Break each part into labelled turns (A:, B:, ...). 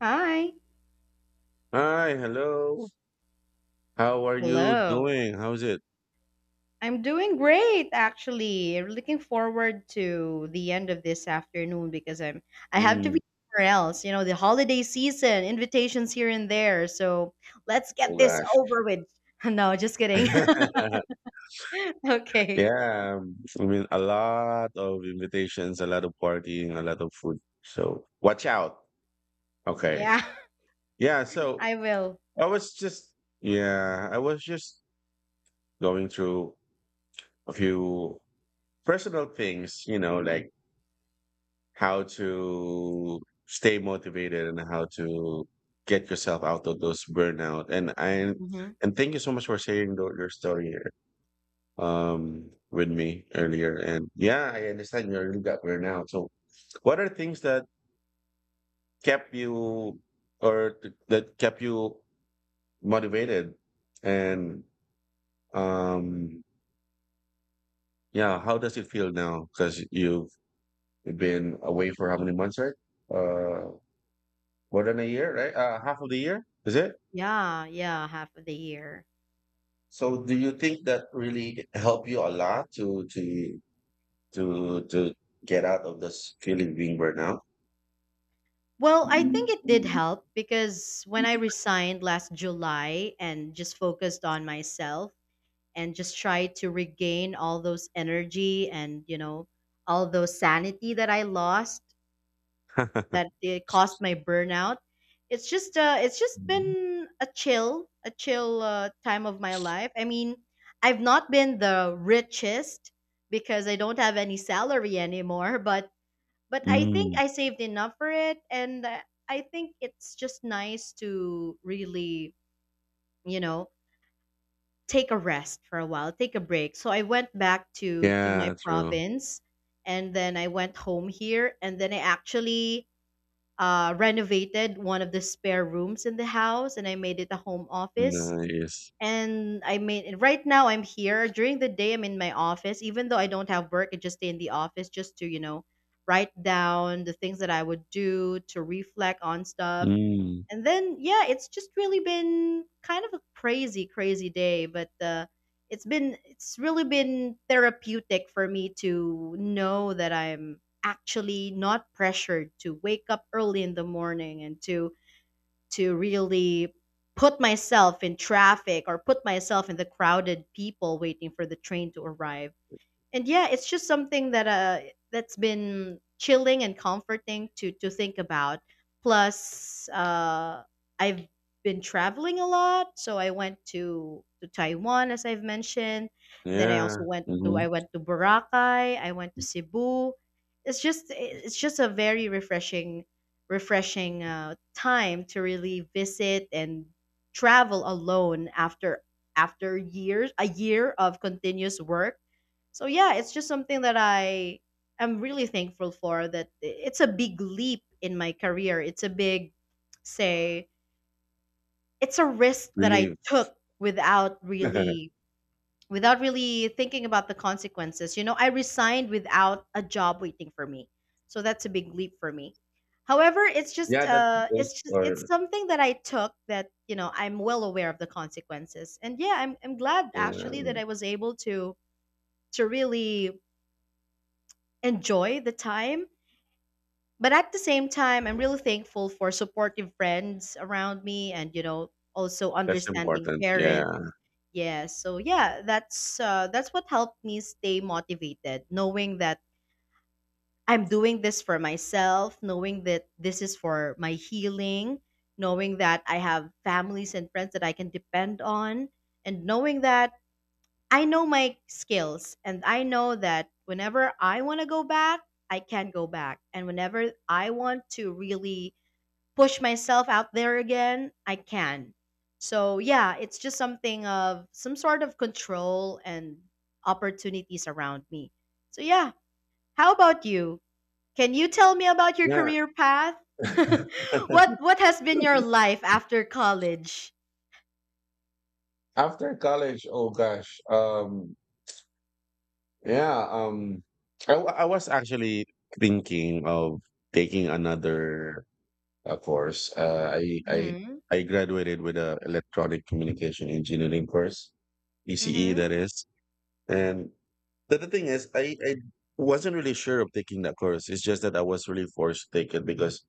A: Hi.
B: Hi, hello. How are you
A: Hello.
B: doing? How's it?
A: I'm doing great actually. Looking forward to the end of this afternoon because I have to be
B: Mm,
A: somewhere else. You know, the holiday season, invitations here and there. So let's get
B: oh
A: this
B: gosh.
A: over with. No, just kidding. Okay.
B: Yeah, I mean a lot of invitations, a lot of partying, a lot of food. So watch out. Okay.
A: Yeah,
B: Yeah, so
A: I will.
B: I was just yeah, I was just going through a few personal things, you know, like how to stay motivated and how to get yourself out of those burnout. And I
A: Hmm.
B: and thank you so much for sharing your story with me earlier. And yeah, I understand you really got burnout. So what are things that kept you that kept you motivated and um yeah, how does it feel now? Because you've been away for how many months, right? Uh, More than a year, right? Half of the year, is it?
A: Yeah, yeah, half of the year.
B: So do you think that really helped you a lot to get out of this feeling being burnout?
A: Well, I think it did help because when I resigned last July and just focused on myself, and just try to regain all those energy and you know all those sanity that I lost that it caused my burnout. It's just been a chill time of my life. I mean, I've not been the richest because I don't have any salary anymore, but I think
B: Mm,
A: I saved enough for it and I think it's just nice to really, you know, take a rest for a while, take a break. So I went back to my
B: yeah, true.
A: province, and then I went home here, and then I actually renovated one of the spare rooms in the house, and I made it a home office.
B: Nice.
A: And right now I'm here during the day. I'm in my office, even though I don't have work. I just stay in the office just to you know write down the things that I would do to reflect on stuff
B: Mm,
A: and then, yeah, it's just really been kind of a crazy, crazy day, but it's really been therapeutic for me to know that I'm actually not pressured to wake up early in the morning and to really put myself in traffic or put myself in the crowded people waiting for the train to arrive and yeah it's just something that that's been chilling and comforting to think about plus I've been traveling a lot, so I went to Taiwan as I've mentioned, and then I
B: yeah.
A: also went to
B: Mm-hmm.
A: I went to Boracay, I went to Cebu. It's just a very refreshing time to really visit and travel alone after after years a year of continuous work. So yeah, it's just something that I am really thankful for that it's a big leap in my career. It's a big say it's a risk that I
B: Relieved.
A: took without really thinking about the consequences. You know, I resigned without a job waiting for me. So that's a big leap for me. However, it's just
B: yeah, that
A: uh
B: those
A: it's just
B: are
A: it's something that I took that, you know, I'm well aware of the consequences. And yeah, I'm glad
B: yeah,
A: actually that I was able to really enjoy the time. But at the same time, I'm really thankful for supportive friends around me and, you know, also
B: that's
A: understanding
B: important.
A: parents.
B: Yeah.
A: Yeah, so yeah, that's that's what helped me stay motivated, knowing that I'm doing this for myself, knowing that this is for my healing, knowing that I have families and friends that I can depend on, and knowing that I know my skills and I know that whenever I want to go back, I can go back. And whenever I want to really push myself out there again, I can. So, yeah, it's just something of some sort of control and opportunities around me. So, yeah, how about you? Can you tell me about your
B: Yeah.
A: career path? What has been your life after college?
B: After college, oh gosh. Yeah, um, I was actually thinking of taking another. Of course,
A: Mhm.
B: I graduated with a electronic communication engineering course, ECE
A: Mhm.
B: that is. And the thing is, I wasn't really sure of taking that course. It's just that I was really forced to take it because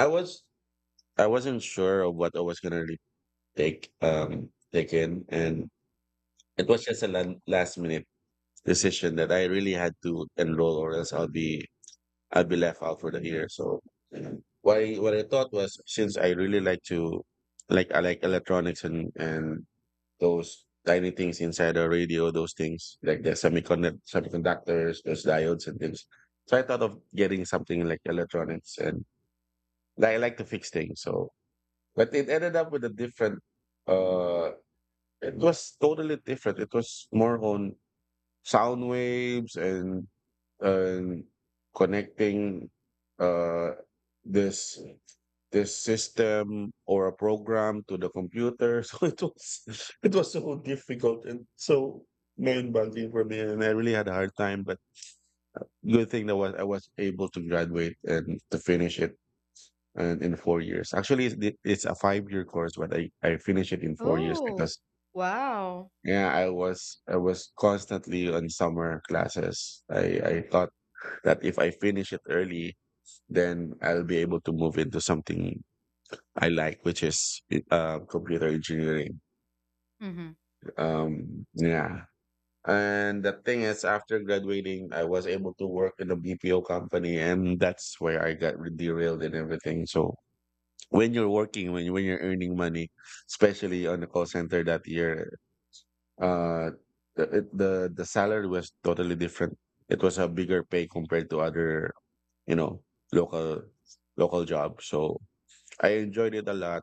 B: I was I wasn't sure of what I was gonna really take in, and it was just a last minute decision that I really had to enroll or else I'd be left out for the year. So what I thought was, since I really like to, like, I like electronics and those tiny things inside the radio, those things like the semiconductors, those diodes and things. So I thought of getting something like electronics, and like, I like to fix things. So but it ended up with a different uh it was totally different. It was more on sound waves and connecting uh, this this system or a program to the computer. So it was so difficult and so mind boggling for me, and I really had a hard time. But good thing that was I was able to graduate and to finish it. And in 4 years, actually, it's a five-year course, but I finished it in 4 years
A: Oh,
B: because
A: wow.
B: yeah, I was constantly on summer classes. I thought that if I finish it early, then I'll be able to move into something I like, which is computer engineering.
A: Mhm.
B: Yeah. And the thing is, after graduating, I was able to work in a BPO company, and that's where I got derailed and everything. So when you're working, when you're earning money, especially on the call center that year, uh, the it- the salary was totally different. It was a bigger pay compared to other, you know, local local jobs. So I enjoyed it a lot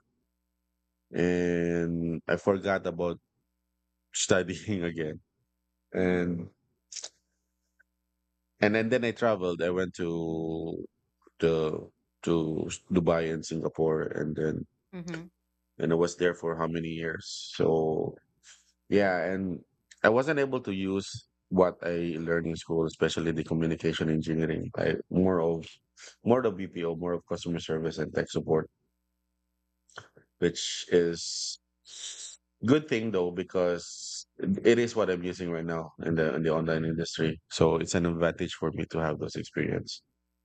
B: and I forgot about studying again. And and then I traveled. I went to the to Dubai and Singapore, and then
A: Mhm.
B: and I was there for how many years? So yeah, and I wasn't able to use what I learned in school, especially the communication engineering. I more of BPO, more of customer service and tech support, which is good thing though, because it is what I'm using right now in the online industry. So it's an advantage for me to have those experience.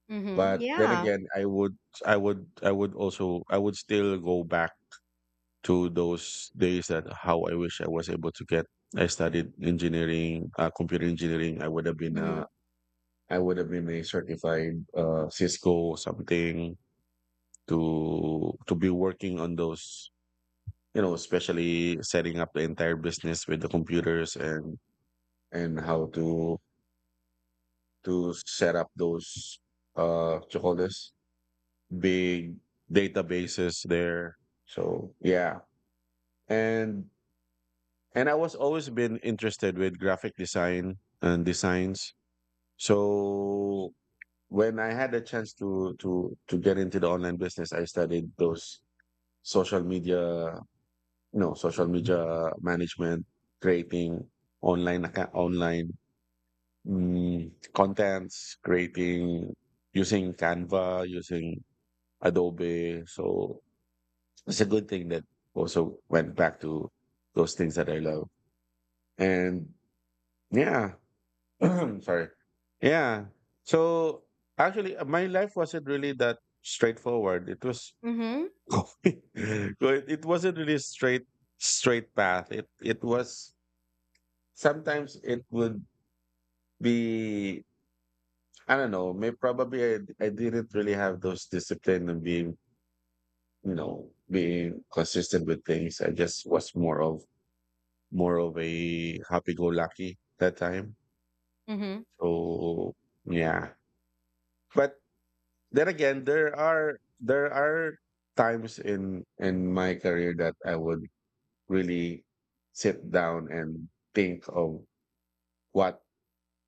A: Mhm.
B: But then
A: Yeah.
B: again, I would also, I would still go back to those days that how I wish I was able to get. I studied engineering, computer engineering.
A: Mhm.
B: I would have been a certified Cisco something to be working on those, you know, especially setting up the entire business with the computers and how to set up those what you call this big databases there. So yeah. And and I was always been interested with graphic design and designs. So when I had a chance to get into the online business, I studied those social media No, social media management, creating online contents, creating using Canva, using Adobe. So it's a good thing that also went back to those things that I love. And yeah, sorry. Yeah. So actually, my life wasn't really that straightforward. It was
A: Mhm.
B: it it wasn't really straight path. It was. Sometimes it would be, I don't know, maybe probably, I didn't really have those discipline and being, you know, being consistent with things. I just was more of a happy-go-lucky that time.
A: Mhm.
B: So yeah. But then again, there are times in my career that I would really sit down and think of what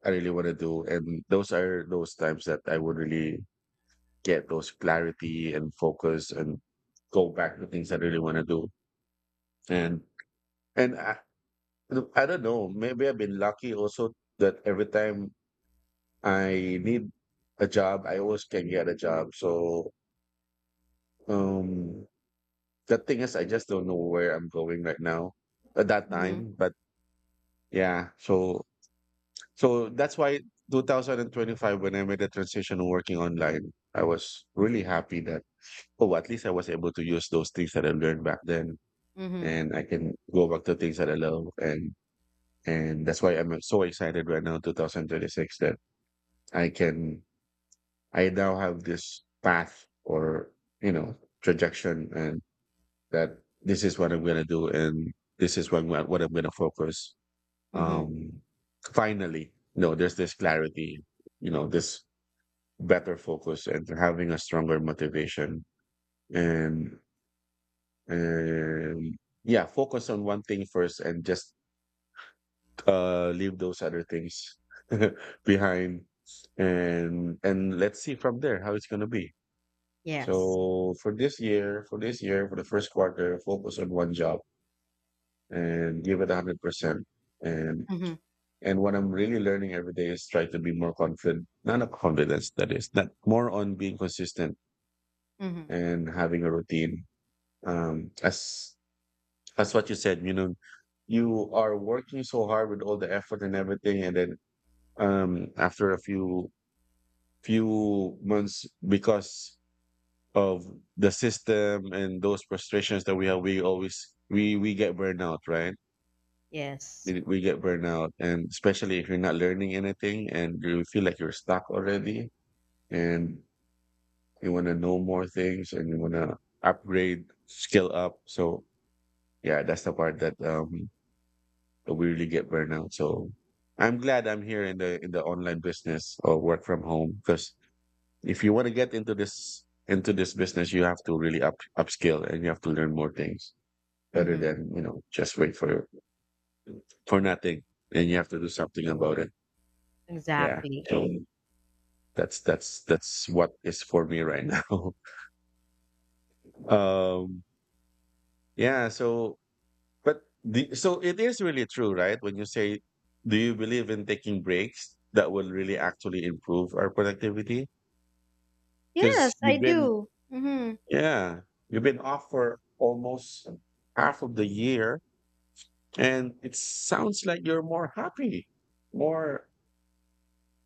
B: I really want to do. And those are those times that I would really get those clarity and focus and go back to things I really want to do. And and I don't know, maybe I've been lucky also that every time I need a job, I always can get a job. So um the thing is I just don't know where I'm going right now at that
A: Mhm.
B: time. But yeah, so that's why 2025, when I made the transition working online, I was really happy that, oh, at least I was able to use those things that I learned back then
A: Mhm.
B: and I can go back to things that I love. And that's why I'm so excited right now, 2026, that I can, I now have this path or, you know, trajectory, and that this is what I'm gonna do and this is what I'm gonna focus.
A: Mhm.
B: Um, finally, no, there's this clarity, you know, this better focus and having a stronger motivation, and and yeah, focus on one thing first and just leave those other things behind. And let's see from there how it's going to be.
A: Yes.
B: So for this year, for the first quarter, focus on one job and give it 100%. and
A: Mhm.
B: and what I'm really learning every day is try to be more confident, not a confidence that is not, more on being consistent
A: Mhm.
B: and having a routine. Um, as what you said, you know, you are working so hard with all the effort and everything, and then after a few few months because of the system and those frustrations that we have, we always, we get burnout, right?
A: Yes.
B: We we get burnout, and especially if you're not learning anything and you feel like you're stuck already, and you want to know more things and you want to upgrade skill up. So yeah, that's the part that that we really get burnout. So I'm glad I'm here in the online business or work from home, because if you want to get into this business, you have to really up upskill, and you have to learn more things rather
A: Mhm.
B: than, you know, just wait for nothing. And you have to do something about it. Yeah.
A: Exactly.
B: So that's what is for me right now. Um. Yeah. So, but the, so it is really true, right? When you say, do you believe in taking breaks that will really actually improve our productivity?
A: Yes,
B: Because
A: I
B: you've been,
A: do. Mhm.
B: yeah, you've been off for almost half of the year, and it sounds like you're more happy, more,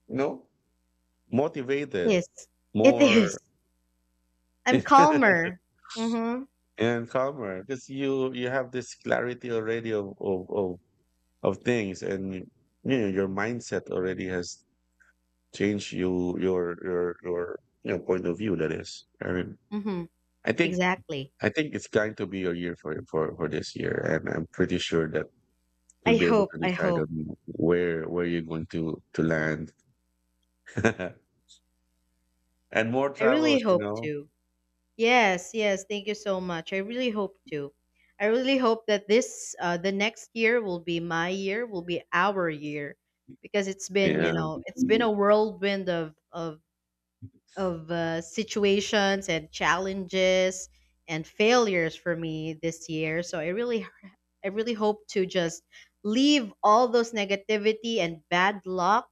B: you know, motivated,
A: Yes. It
B: more
A: is. I'm calmer. Mhm.
B: and calmer, because you have this clarity already of of things, and you know your mindset already has changed, you your you know, point of view, that is. I mean,
A: Mhm.
B: I think
A: Exactly.
B: I think it's going to be your year for this year, and I'm pretty sure that you'll
A: I
B: be able
A: hope.
B: to
A: I
B: decide on
A: hope.
B: where you're going to land. And more
A: I really
B: travels, you
A: hope
B: know?
A: to. Yes, yes. Thank you so much. I really hope to. I really hope that this, the next year will be my year, will be our year, because it's been, you
B: Yeah.
A: know, it's been a whirlwind of situations and challenges and failures for me this year. So I really hope to just leave all those negativity and bad luck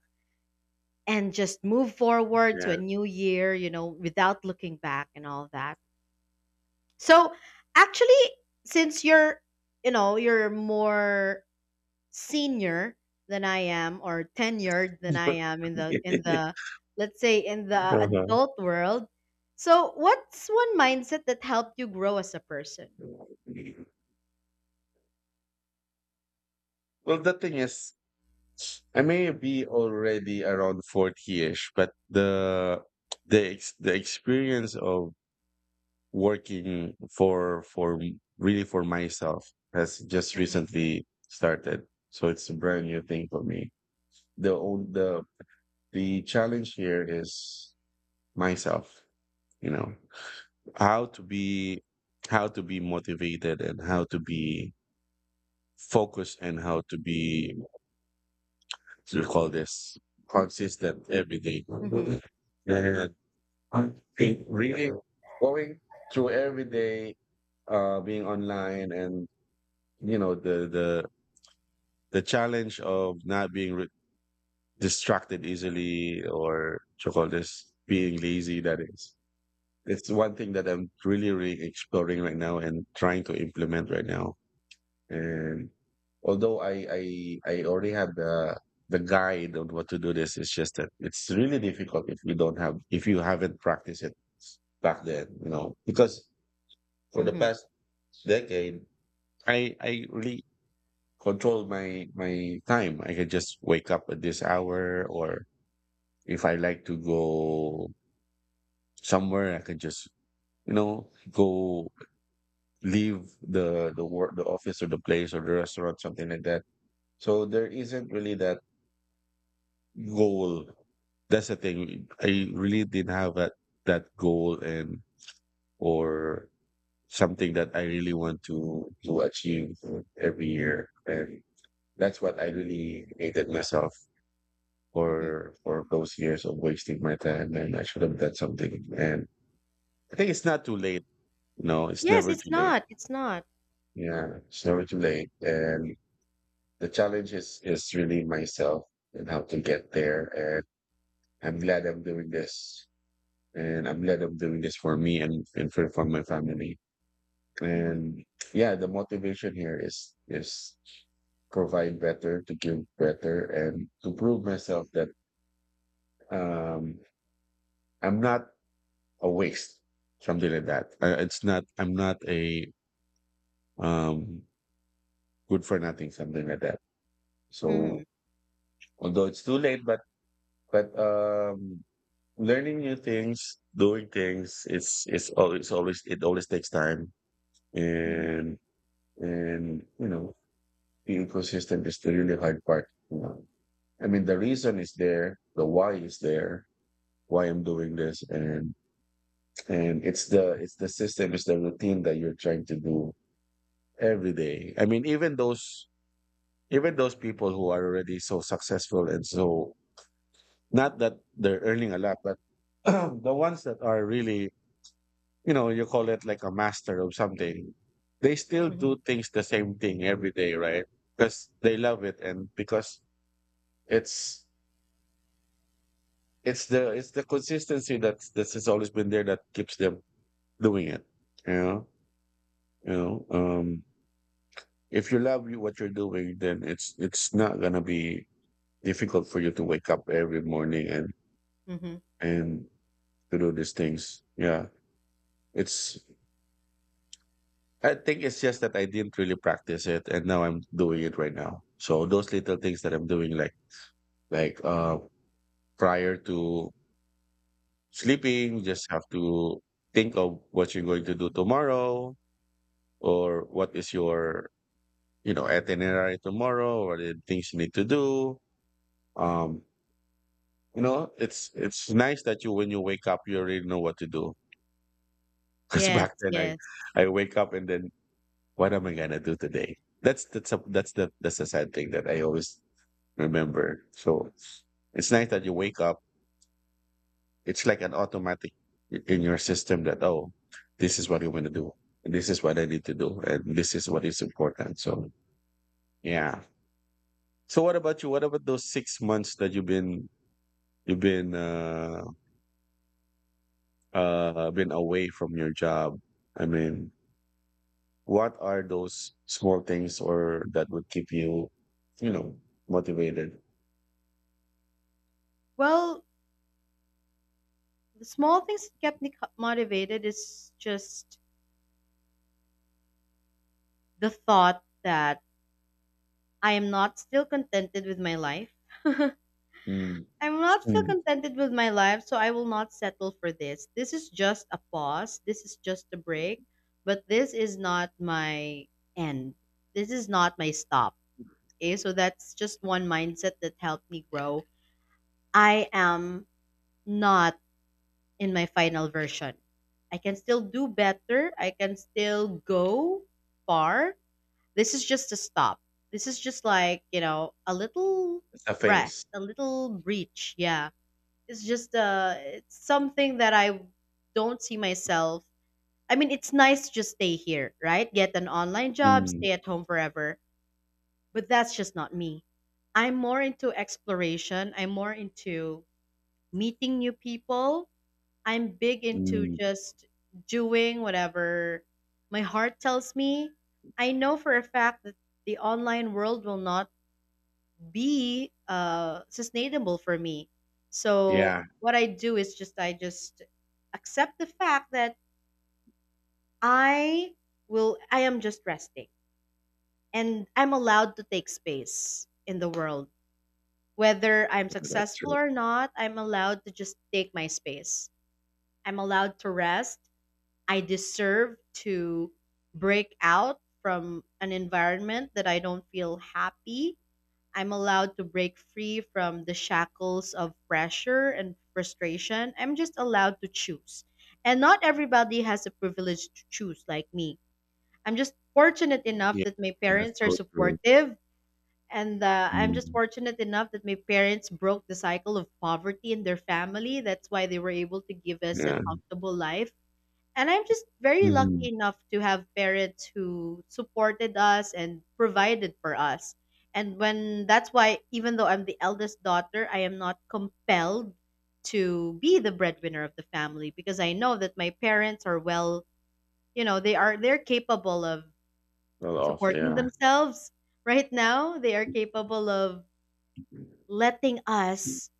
A: and just move forward to
B: Yeah.
A: a new year, you know, without looking back and all that. So actually, since you're, you know, you're more senior than I am, or tenured than I am in the let's say in the
B: Uh-huh.
A: adult world. So what's one mindset that helped you grow as a person?
B: Well, the thing is, I may be already around 40-ish, but the experience of working for really for myself has just
A: Mm-hmm.
B: recently started. So it's a brand new thing for me. The old The challenge here is myself, you know. How to be how to be motivated and how to be focused and how to be what do you call this consistent every day.
A: Mm-hmm.
B: And it really going through every day being online and you know the the the challenge of not being distracted easily or to call this being lazy, that is it's one thing that I'm really exploring right now and trying to implement right now. And although I I already had the guide on what to do this. It's just that it's really difficult if you don't have if you haven't practiced it back then, you know. Because for the
A: Mm-hmm.
B: past decade, I really control my time. I can just wake up at this hour, or if I like to go somewhere, I can just you know go leave the office or the place or the restaurant, something like that. So there isn't really that goal. That's the thing. I really didn't have that goal and or something that I really want to achieve every year. And that's what I really hated myself
A: Mm-hmm.
B: for those years of wasting my time. And I should have done something. And I think it's not too late. No, it's
A: Yes,
B: never
A: it's
B: too late.
A: not. It's not.
B: Yeah, it's never too late. And the challenge is really myself and how to get there. And I'm glad I'm doing this, and I'm glad I'm doing this for me and for my family.
A: Mm-hmm.
B: And yeah, the motivation here is provide better, to give better, and to prove myself that um, I'm not a waste, something like that. It's not I'm not a um, good for nothing, something like that.
A: Mm-hmm.
B: So although it's too late, but but um, learning new things, doing things, it's always, it always takes time.
A: Mm-hmm.
B: and And, you know, the ecosystem is the really hard part. You know? I mean, the reason is there, the why is there, why I'm doing this, and it's the system, it's the routine that you're trying to do every day. I mean, even those people who are already so successful and so not that they're earning a lot, but the ones that are really, you know, you call it like a master of something, they still
A: Mm-hmm.
B: do things the same thing every day, right? Because they love it, and because it's the consistency that has always been there that keeps them doing it. You know, you know. Um, if you love you what you're doing, then it's not gonna be difficult for you to wake up every morning and
A: Mm-hmm.
B: and to do these things. Yeah, it's. I think it's just that I didn't really practice it, and now I'm doing it right now. So those little things that I'm doing, like prior to sleeping, you just have to think of what you're going to do tomorrow, or what is your you know itinerary tomorrow, or the things you need to do. um you know, it's nice that you when you wake up you already know what to do because
A: Yes.
B: back then i
A: Yes.
B: i wake up and then what am I gonna do today. That's the that's the sad thing that I always remember. So it's nice that you wake up, it's like an automatic in your system that, oh, this is what you want to do, and this is what I need to do, and this is what is important. So yeah. So what about you? What about those 6 months that you've been you've been, uh, been away from your job? I mean, what are those small things or that would keep you, you know, motivated?
A: Well, the small things that kept me motivated is just the thought that I am not still contented with my life.
B: Mm.
A: I'm not still
B: Mm.
A: contented with my life, so I will not settle for this. This is just a pause. This is just a break, but this is not my end. This is not my stop. Okay, so that's just one mindset that helped me grow. I am not in my final version. I can still do better. I can still go far. This is just a stop. This is just like, you know, a little
B: A
A: rest,
B: face.
A: a little breach. Yeah. It's something that I don't see myself. I mean, it's nice to just stay here, right? Get an online job,
B: Mm.
A: stay at home forever, but that's just not me. I'm more into exploration. I'm more into meeting new people, I'm big into
B: Mm.
A: just doing whatever my heart tells me. I know for a fact that the online world will not be sustainable for me. So
B: Yeah,
A: what I do is just I just accept the fact that I I am just resting and I'm allowed to take space in the world. Whether I'm
B: that's
A: successful
B: true.
A: or not, I'm allowed to just take my space. I'm allowed to rest. I deserve to break out from an environment that I don't feel happy. I'm allowed to break free from the shackles of pressure and frustration. I'm just allowed to choose. And not everybody has the privilege to choose like me. I'm just fortunate enough
B: Yeah,
A: that my
B: that's
A: parents are
B: so true.
A: supportive. And I'm just
B: Mm.
A: fortunate enough that my parents broke the cycle of poverty in their family. That's why they were able to give us a
B: Yeah.
A: comfortable life, and I'm just very lucky
B: Mhm.
A: enough to have parents who supported us and provided for us. And when that's why, even though I'm the eldest daughter, I am not compelled to be the breadwinner of the family because I know that my parents are well, you know, they're capable of
B: Well off,
A: supporting
B: yeah.
A: themselves right now. They are capable of letting us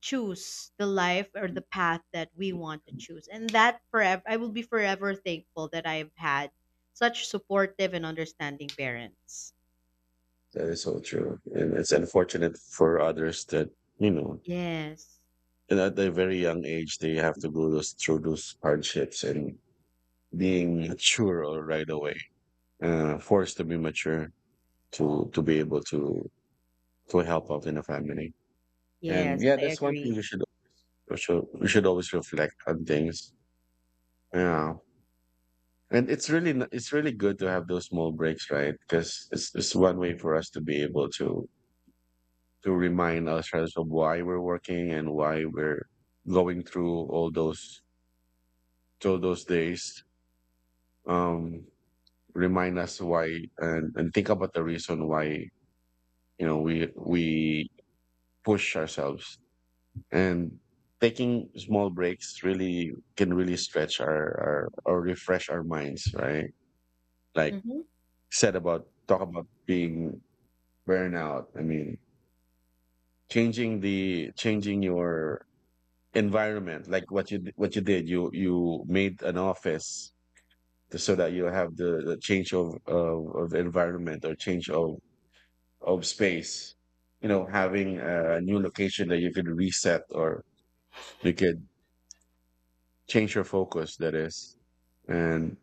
A: choose the life or the path that we want to choose. And that forever, I will be forever thankful that I've had such supportive and understanding parents.
B: That is so true. And it's unfortunate for others that, you know,
A: Yes.
B: and at a very young age they have to go through those hardships, and being mature all right away, forced to be mature to be able to help out in a family. And
A: Yes,
B: yeah,
A: I
B: that's one
A: agree.
B: thing you should we should always reflect on things. Yeah, and it's really it's really good to have those small breaks, right? Because it's one way for us to be able to remind ourselves of why we're working and why we're going through all those through those days. Um, Remind us why, and think about the reason why you know we push ourselves, and taking small breaks really can really stretch our or refresh our minds, right? Like
A: Mm-hmm.
B: said about talk about being burnout. I mean, changing your environment, like what you did. You made an office so that you have the change of environment, or change of space, you know, having a new location that you could reset or you could change your focus, that is. And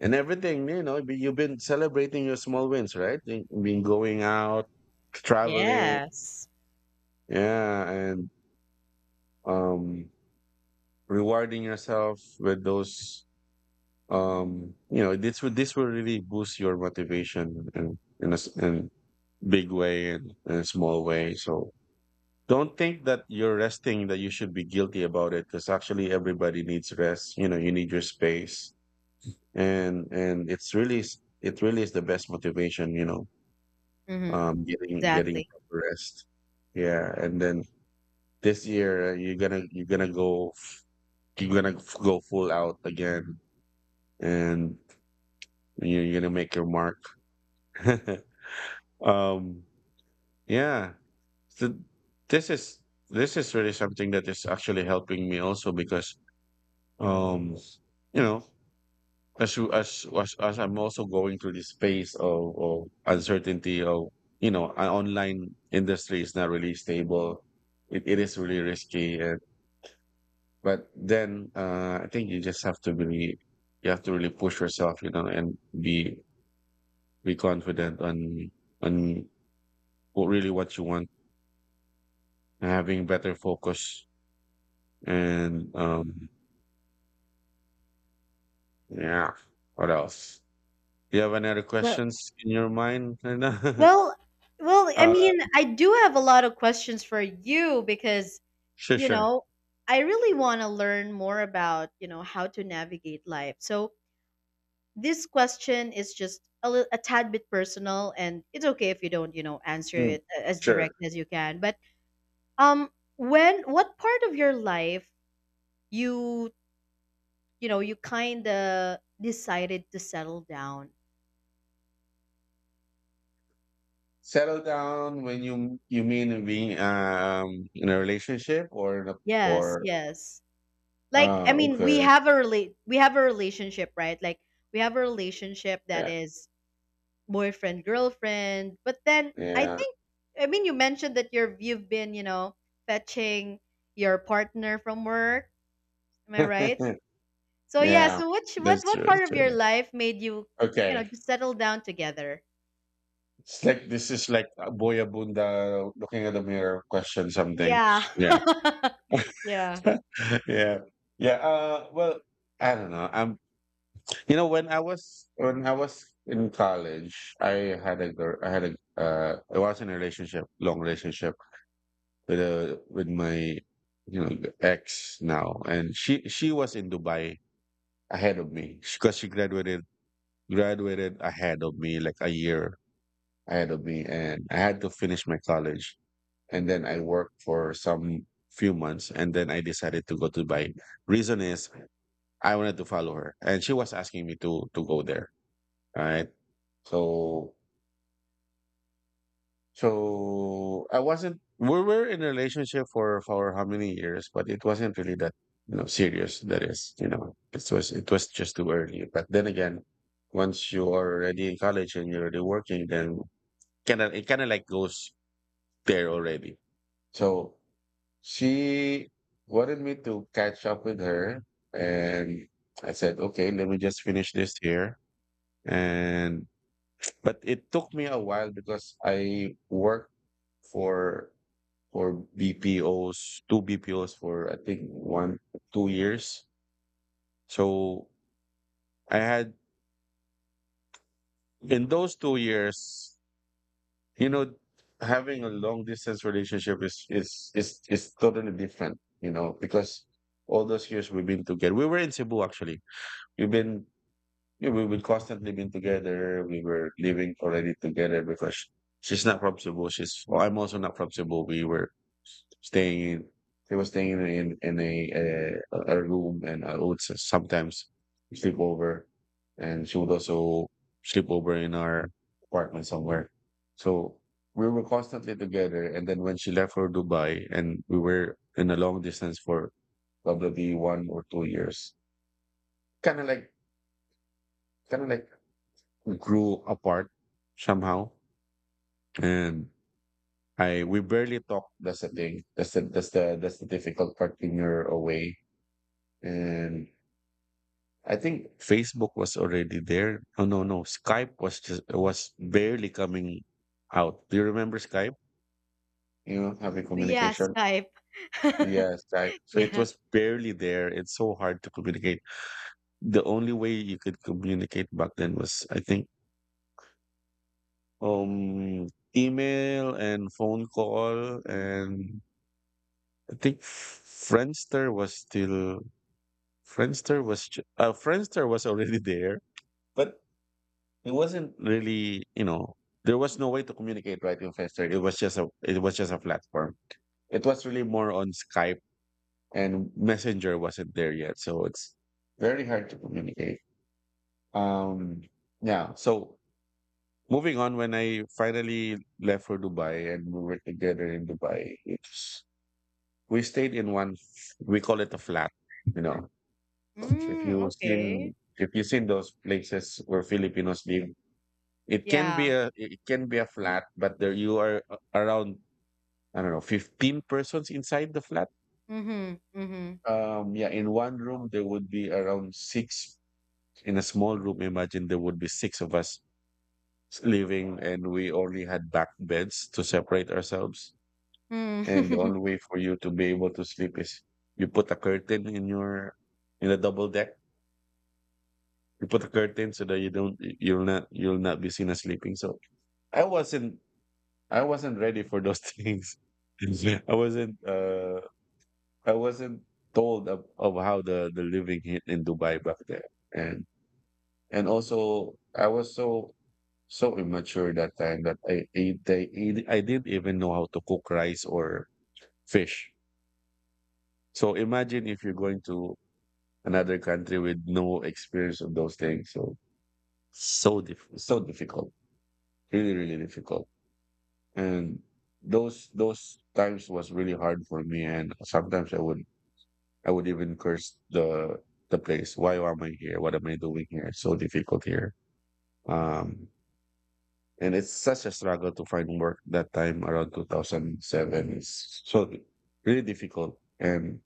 B: and everything, you know, but you've been celebrating your small wins, right? You been going out, traveling,
A: Yes.
B: yeah, and um rewarding yourself with those you know this would this will really boost your motivation in a, in big way and in a small way. So don't think that you're resting that you should be guilty about it, because actually everybody needs rest. You know, you need your space, and it's really it really is the best motivation. You know,
A: Mm-hmm.
B: getting
A: Exactly.
B: proper rest. Yeah, and then this year you're gonna go you're gonna go full out again, and you're gonna make your mark. um, yeah. So this is this is really something that is actually helping me also because Um, you know, as you as I'm also going through this phase of uncertainty, of you know, an online industry is not really stable. It is really risky, and, but then I think you just have to really you have to really push yourself, you know, and be confident on on what really what you want, having better focus, and yeah. What else? Do you have any other
A: Well,
B: questions in your mind right now?
A: well, well, I
B: Uh,
A: mean, I do have a lot of questions for you because,
B: Sure,
A: you
B: sure.
A: know, I really want to learn more about, you know, how to navigate life. So, this question is just a little, a tad bit personal, and it's okay if you don't you know answer
B: Mm,
A: it as
B: sure.
A: direct as you can, but um when what part of your life you you know you kind of decided to settle down.
B: Settle down. When you mean being in a relationship or in a
A: Yes,
B: or
A: yes, like I mean we
B: okay.
A: have a relationship, right? Like we have a relationship that
B: Yeah.
A: is boyfriend girlfriend, but then I
B: Yeah.
A: think I mean you mentioned that you're you've been, you know, fetching your partner from work. Am I right? So yeah,
B: yeah.
A: so which
B: That's true.
A: what
B: That's
A: part of your
B: true.
A: life made you, you know,
B: Okay.
A: just settle down together?
B: It's like this is like a boyabunda looking at the mirror question something.
A: Yeah.
B: Yeah.
A: Yeah.
B: yeah. Yeah. Well, I don't know. I'm. You know, when I was in college, I had a girl. I had a I was in a relationship, long relationship with a with my you know ex now, and she was in Dubai ahead of me because she graduated ahead of me, like a year ahead of me, and I had to finish my college, and then I worked for some few months, and then I decided to go to Dubai. Reason is I wanted to follow her, and she was asking me to go there. Right. So so I wasn't we were in a relationship for how many years, but it wasn't really that you know serious. That is, you know, it was just too early. But then again, once you are already in college and you're already working, then kind of it kind of like goes there already. So she wanted me to catch up with her, and I said, okay, let me just finish this here, and. But it took me a while because I worked for for BPOs, two BPOs for I think one two years. So I had in those 2 years, you know, having a long distance relationship is totally different, you know, because all those years we've been together. We were in Cebu actually. We've been. Yeah, we would constantly been together. We were living already together because she's not from Cebu. She's well, I'm also not from Cebu. We were staying in. She was staying in a room, and I would sometimes sleep over, and she would also sleep over in our apartment somewhere. So we were constantly together. And then when she left for Dubai, and we were in a long distance for probably 1 or 2 years, kind of like kind of like grew apart somehow, and I we barely talk. That's the thing. That's the difficult part when you're away. And I think Facebook was already there. Oh no, no, Skype was just was barely coming out. Do you remember Skype? You know, having
A: Yeah,
B: communication.
A: Skype.
B: Yes, Skype. So it
A: Yeah.
B: was barely there. It's so hard to communicate. The only way you could communicate back then was, I think, um, email and phone call, and I think Friendster was still Friendster was Friendster was already there, but it wasn't really you know there was no way to communicate right in Friendster. It was just a it was just a platform. It was really more on Skype, and Messenger wasn't there yet, so it's very hard to communicate. Um, yeah. So moving on, when I finally left for Dubai and we were together in Dubai, it's we stayed in one we call it a flat, you know.
A: Mm, okay.
B: If you seen those places where Filipinos live,
A: Yeah.
B: it can be a flat, but there you are around I don't know 15 persons inside the flat.
A: Mhm. Mhm.
B: Yeah, in one room there would be around six. In a small room, imagine there would be six of us living, and we only had back beds to separate ourselves. And the
A: Mm.
B: only way for you to be able to sleep is you put a curtain in your in a double deck. You put a curtain so that you don't you'll not be seen as sleeping. So I wasn't ready for those things. Yeah. I wasn't uh I wasn't told of how the living hit in Dubai back there. And and also I was so so immature that time that I didn't even know how to cook rice or fish. So imagine if you're going to another country with no experience of those things. So so so difficult, really difficult. And those times was really hard for me, and sometimes I would even curse the place. Why am I here, what am I doing here, it's so difficult here. um and it's such a struggle to find work that time around 2007. It's so really difficult, and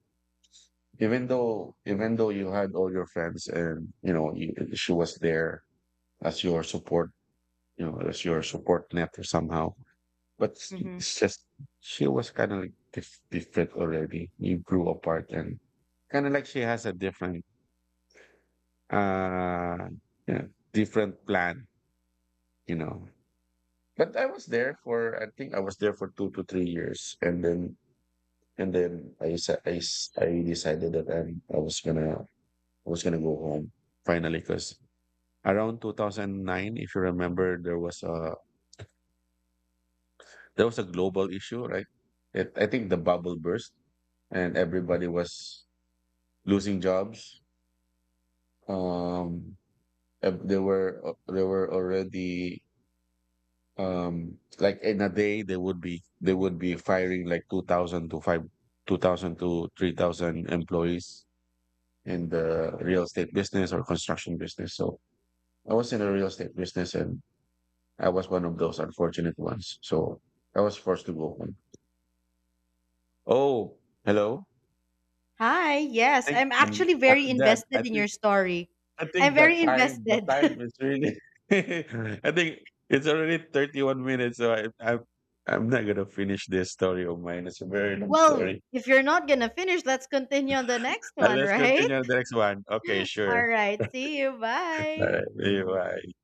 B: even though you had all your friends, and you know you, she was there as your support, you know, as your support net somehow. But
A: Mhm.
B: it's just she was kind of like different already. You grew apart, and kind of like she has a different, uh, you know, different plan, you know. But I was there for, I think I was there for 2 to 3 years, and then I decided that I was gonna go home finally because around 2009, if you remember, there was a global issue, right? It, I think the bubble burst, and everybody was losing jobs. Um, there were already like in a day they would be firing like 2,000 to 3,000 employees in the real estate business or construction business. So I was in the real estate business, and I was one of those unfortunate ones. So I was forced to go home. Oh, hello.
A: Hi. Yes,
B: Thank
A: I'm actually very
B: Dad. I
A: invested in your
B: think
A: story. I'm very
B: the time
A: invested.
B: is really I think it's already 31 minutes, so I'm not gonna finish this story of mine. It's a very long
A: Well,
B: story.
A: if you're not going to finish, let's continue on the next one,
B: Let's
A: right?
B: continue the next one. Okay, sure.
A: All right. See you.
B: All
A: Bye.
B: right, bye.